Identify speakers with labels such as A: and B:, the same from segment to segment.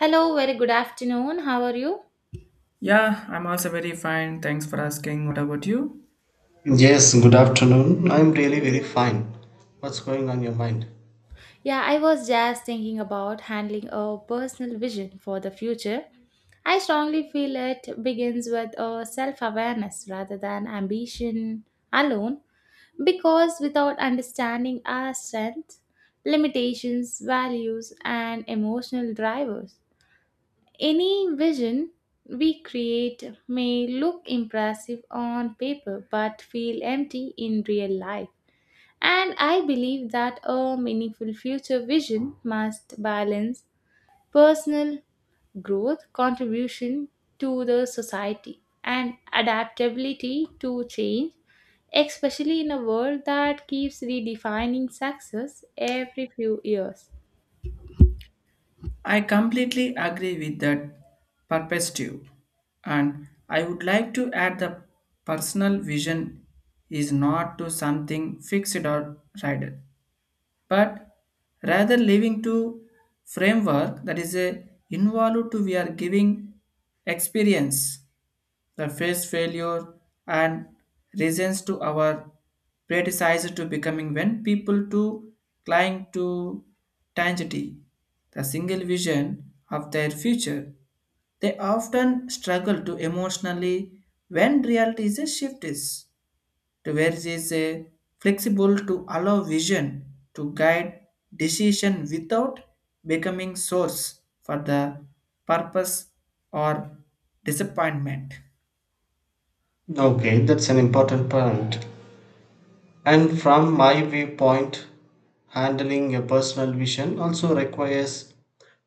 A: Hello, very good afternoon. How are you?
B: Yeah, I'm also very fine. Thanks for asking. What about you?
C: Yes, good afternoon. I'm really very fine. What's going on your mind?
A: Yeah, I was just thinking about handling a personal vision for the future. I strongly feel it begins with a self awareness rather than ambition alone, because without understanding our strengths, limitations, values, and emotional drivers, any vision we create may look impressive on paper but feel empty in real life. And I believe that a meaningful future vision must balance personal growth, contribution to the society, and adaptability to change, especially in a world that keeps redefining success every few years.
B: I completely agree with that perspective. And I would like to add the personal vision is not to something fixed or rider, but rather living to framework that is a involved to we are giving experience the face failure and reasons to our predecessor to becoming when people to cling to tangity, the single vision of their future. They often struggle to emotionally when reality is a shift is to where it is a flexible to allow vision to guide decision without becoming source for the purpose or disappointment.
C: Okay, that's an important point. And from my viewpoint, handling a personal vision also requires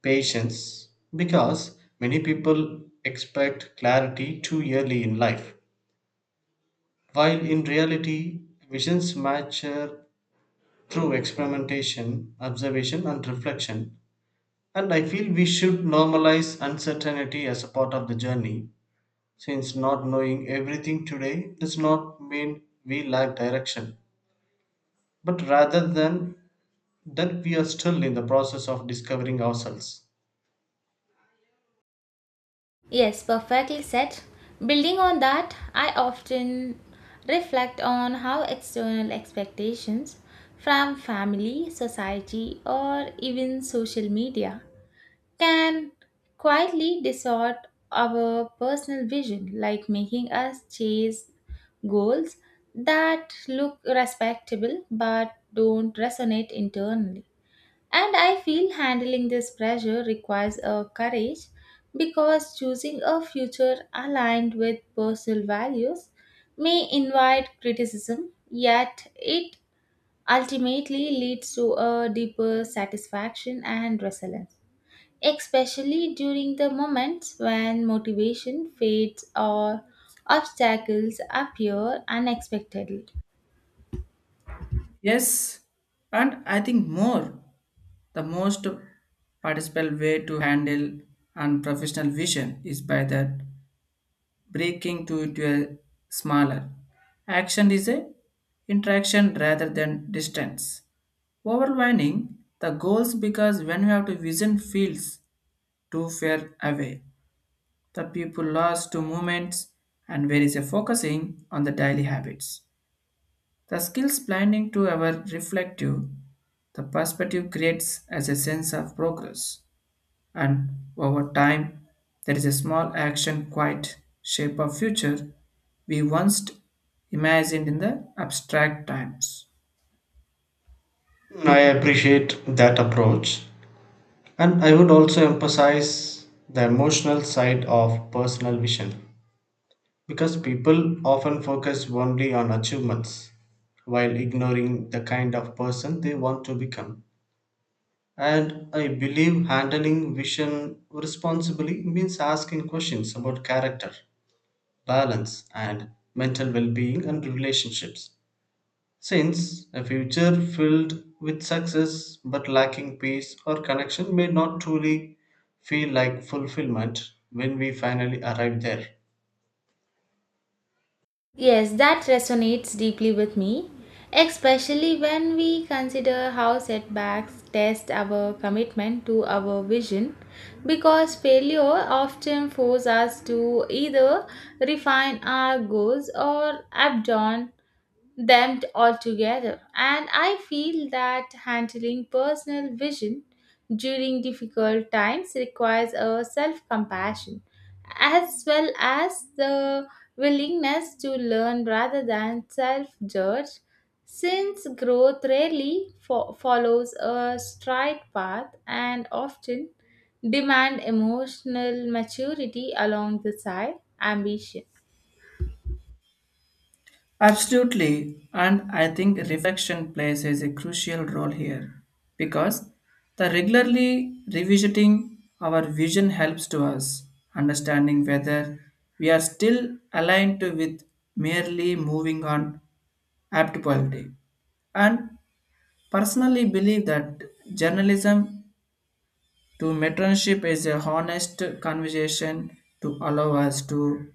C: patience because many people expect clarity too early in life. While in reality, visions mature through experimentation, observation, and reflection. And I feel we should normalize uncertainty as a part of the journey. Since not knowing everything today does not mean we lack direction, but rather than that we are still in the process of discovering ourselves.
A: Yes, perfectly said. Building on that, I often reflect on how external expectations from family, society, or even social media can quietly distort our personal vision, like making us chase goals that look respectable but don't resonate internally. And I feel handling this pressure requires a courage because choosing a future aligned with personal values may invite criticism, yet it ultimately leads to a deeper satisfaction and resilience especially during the moments when motivation fades or obstacles appear unexpectedly.
B: Yes, and I think more. The most participant way to handle unprofessional vision is by that breaking to into a smaller. Action is a interaction rather than distance. Overwhelming the goals because when you have to vision feels too far away. The people lost to movements and where is a focusing on the daily habits. The skills blinding to our reflective, the perspective creates as a sense of progress, and over time, there is a small action quite shape of future we once imagined in the abstract times.
C: I appreciate that approach, and I would also emphasize the emotional side of personal vision because people often focus only on achievements while ignoring the kind of person they want to become. And I believe handling vision responsibly means asking questions about character, balance, and mental well being and relationships. Since a future filled with success but lacking peace or connection may not truly feel like fulfillment when we finally arrive there.
A: Yes, that resonates deeply with me, especially when we consider how setbacks test our commitment to our vision because failure often forces us to either refine our goals or abandon them altogether. And I feel that handling personal vision during difficult times requires a self compassion as well as the willingness to learn rather than self judge, since growth rarely follows a straight path and often demand emotional maturity along the side ambition.
B: Absolutely, and I think reflection plays is a crucial role here because the regularly revisiting our vision helps to us understanding whether we are still aligned to with merely moving on apt quality. And personally believe that journalism to mentorship is a honest conversation to allow us to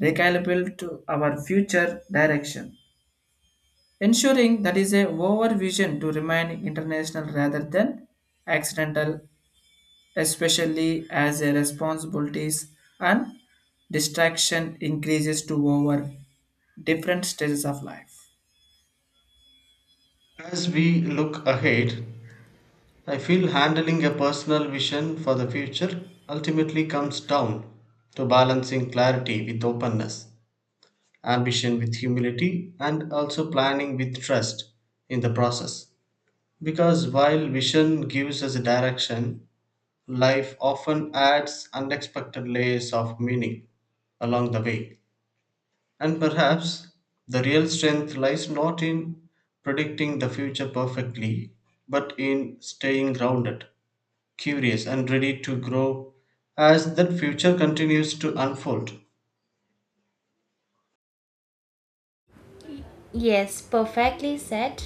B: recalibrate to our future direction ensuring that is a overvision to remain international rather than accidental, especially as a responsibilities and distraction increases to over different stages of life.
C: As we look ahead, I feel handling a personal vision for the future ultimately comes down to balancing clarity with openness, ambition with humility, and also planning with trust in the process. Because while vision gives us a direction, life often adds unexpected layers of meaning along the way. And perhaps the real strength lies not in predicting the future perfectly, but in staying grounded, curious, and ready to grow as that future continues to unfold.
A: Yes, perfectly said.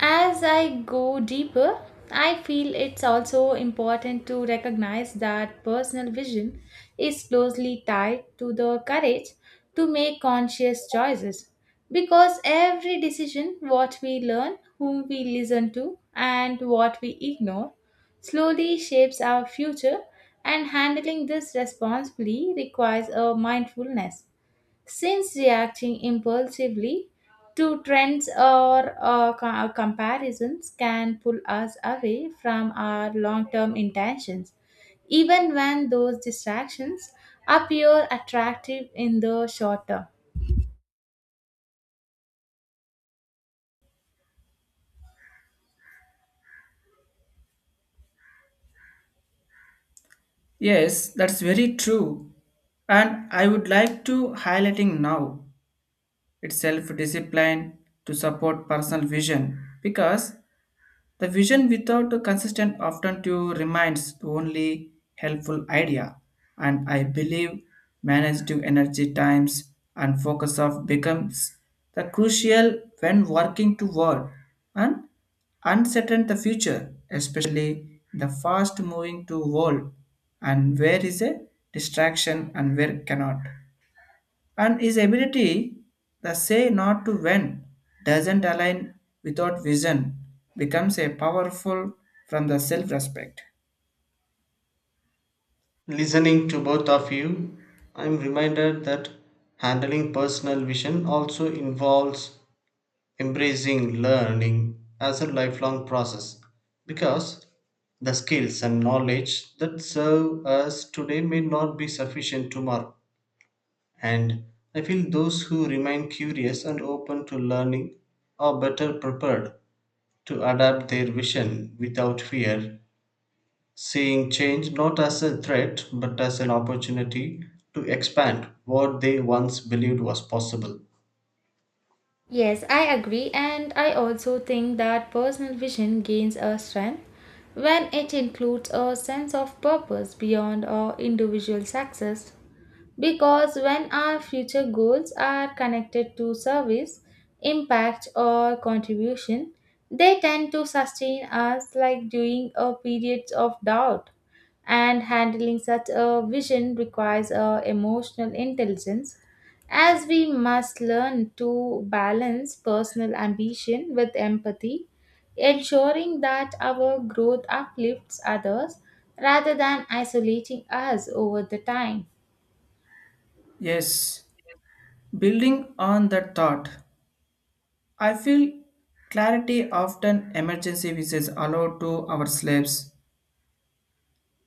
A: As I go deeper, I feel it's also important to recognize that personal vision is closely tied to the courage to make conscious choices. Because every decision, what we learn, whom we listen to, and what we ignore, slowly shapes our future, and handling this responsibly requires a mindfulness since reacting impulsively to trends or comparisons can pull us away from our long term intentions, even when those distractions appear attractive in the short term.
B: Yes, that's very true. And I would like to highlighting now its self-discipline to support personal vision because the vision without a consistent often to remains the only helpful idea, and I believe manage energy times and focus of becomes the crucial when working toward and uncertain the future, especially the fast moving to world and where is a distraction and where cannot. And his ability, the say not to when, doesn't align without vision, becomes a powerful from the self respect.
C: Listening to both of you, I'm reminded that handling personal vision also involves embracing learning as a lifelong process because the skills and knowledge that serve us today may not be sufficient tomorrow. And I feel those who remain curious and open to learning are better prepared to adapt their vision without fear, seeing change not as a threat but as an opportunity to expand what they once believed was possible.
A: Yes, I agree, and I also think that personal vision gains a strength when it includes a sense of purpose beyond our individual success. Because when our future goals are connected to service, impact, or contribution, they tend to sustain us like during a periods of doubt. And handling such a vision requires a emotional intelligence, as we must learn to balance personal ambition with empathy, ensuring that our growth uplifts others rather than isolating us over the time.
B: Yes, building on that thought, I feel clarity often emergency which is allowed to our slaves,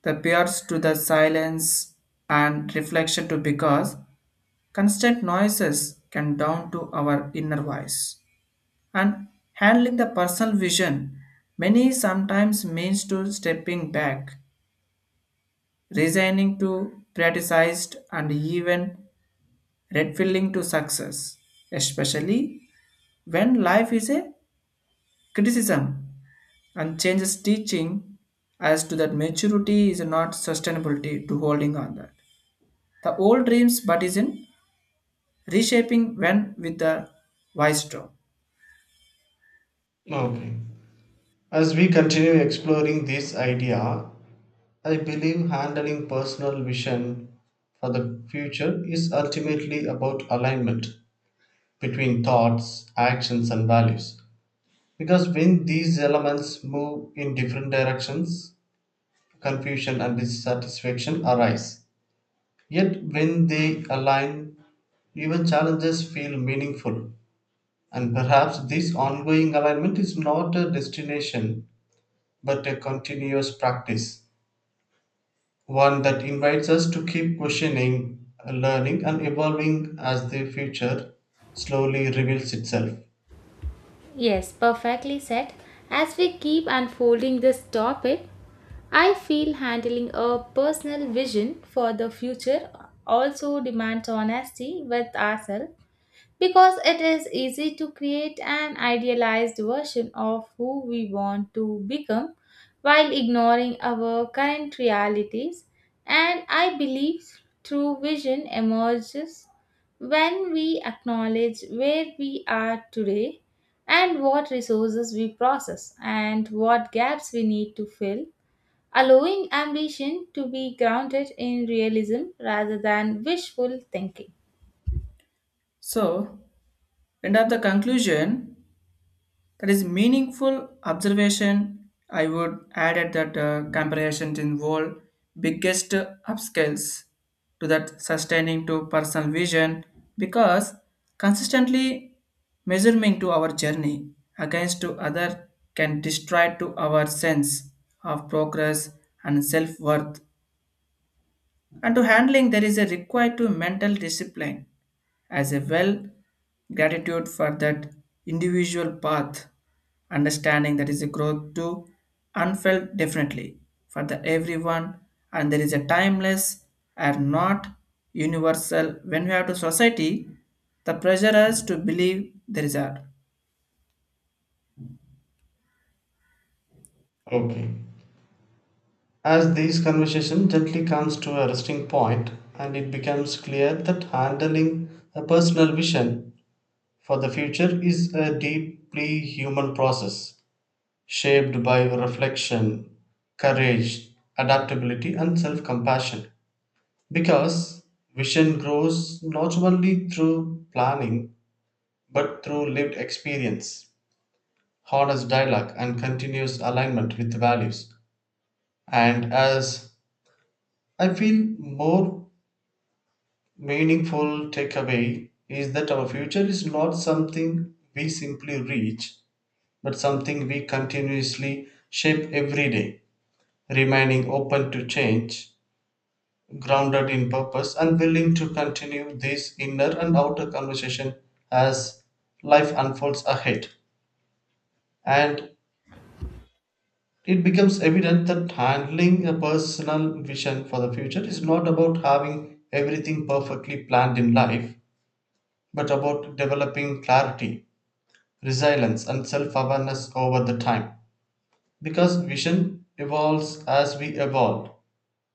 B: the peers to the silence and reflection to because constant noises can down to our inner voice. And handling the personal vision many sometimes means to stepping back resigning to criticized and even redfilling to success, especially when life is a criticism and changes teaching as to that maturity is not sustainability to holding on that the old dreams but is in reshaping when with the wise straw.
C: Okay. As we continue exploring this idea, I believe handling personal vision for the future is ultimately about alignment between thoughts, actions, and values. Because when these elements move in different directions, confusion and dissatisfaction arise. Yet, when they align, even challenges feel meaningful. And perhaps this ongoing alignment is not a destination but a continuous practice, one that invites us to keep questioning, learning, and evolving as the future slowly reveals itself.
A: Yes, perfectly said. As we keep unfolding this topic, I feel handling a personal vision for the future also demands honesty with ourselves because it is easy to create an idealized version of who we want to become while ignoring our current realities. And I believe true vision emerges when we acknowledge where we are today and what resources we process and what gaps we need to fill, allowing ambition to be grounded in realism rather than wishful thinking.
B: So end of the conclusion, that is meaningful observation. I would add at that comparisons involve biggest upscales to that sustaining to personal vision because consistently measuring to our journey against to other can destroy to our sense of progress and self-worth, and to handling there is a required to mental discipline as a well gratitude for that individual path, understanding that is a growth to unfelt definitely for the everyone and there is a timeless are not universal when we have to society the pressure us to believe there is a.
C: Okay. As this conversation gently comes to a resting point, and it becomes clear that handling a personal vision for the future is a deeply human process shaped by reflection, courage, adaptability, and self compassion. Because vision grows not only through planning but through lived experience, honest dialogue, and continuous alignment with values. And as I feel more meaningful takeaway is that our future is not something we simply reach, but something we continuously shape every day, remaining open to change, grounded in purpose and willing to continue this inner and outer conversation as life unfolds ahead. And it becomes evident that handling a personal vision for the future is not about having everything perfectly planned in life, but about developing clarity, resilience, and self awareness over the time. Because vision evolves as we evolve,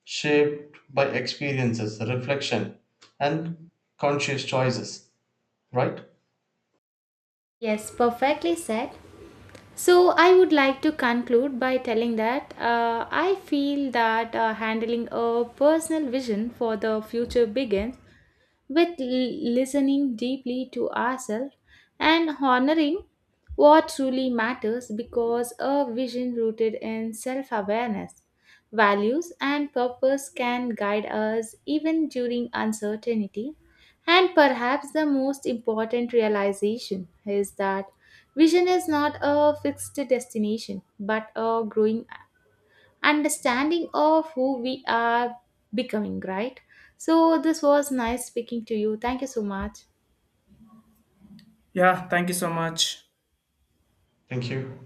C: shaped by experiences, reflection, and conscious choices, right?
A: Yes, perfectly said. So, I would like to conclude by telling that I feel that handling a personal vision for the future begins with listening deeply to ourselves and honoring what truly matters because a vision rooted in self awareness, values, and purpose can guide us even during uncertainty. And perhaps the most important realization is that vision is not a fixed destination but a growing understanding of who we are becoming, right? So, this was nice speaking to you. Thank you so much.
B: Yeah, thank you so much.
C: Thank you.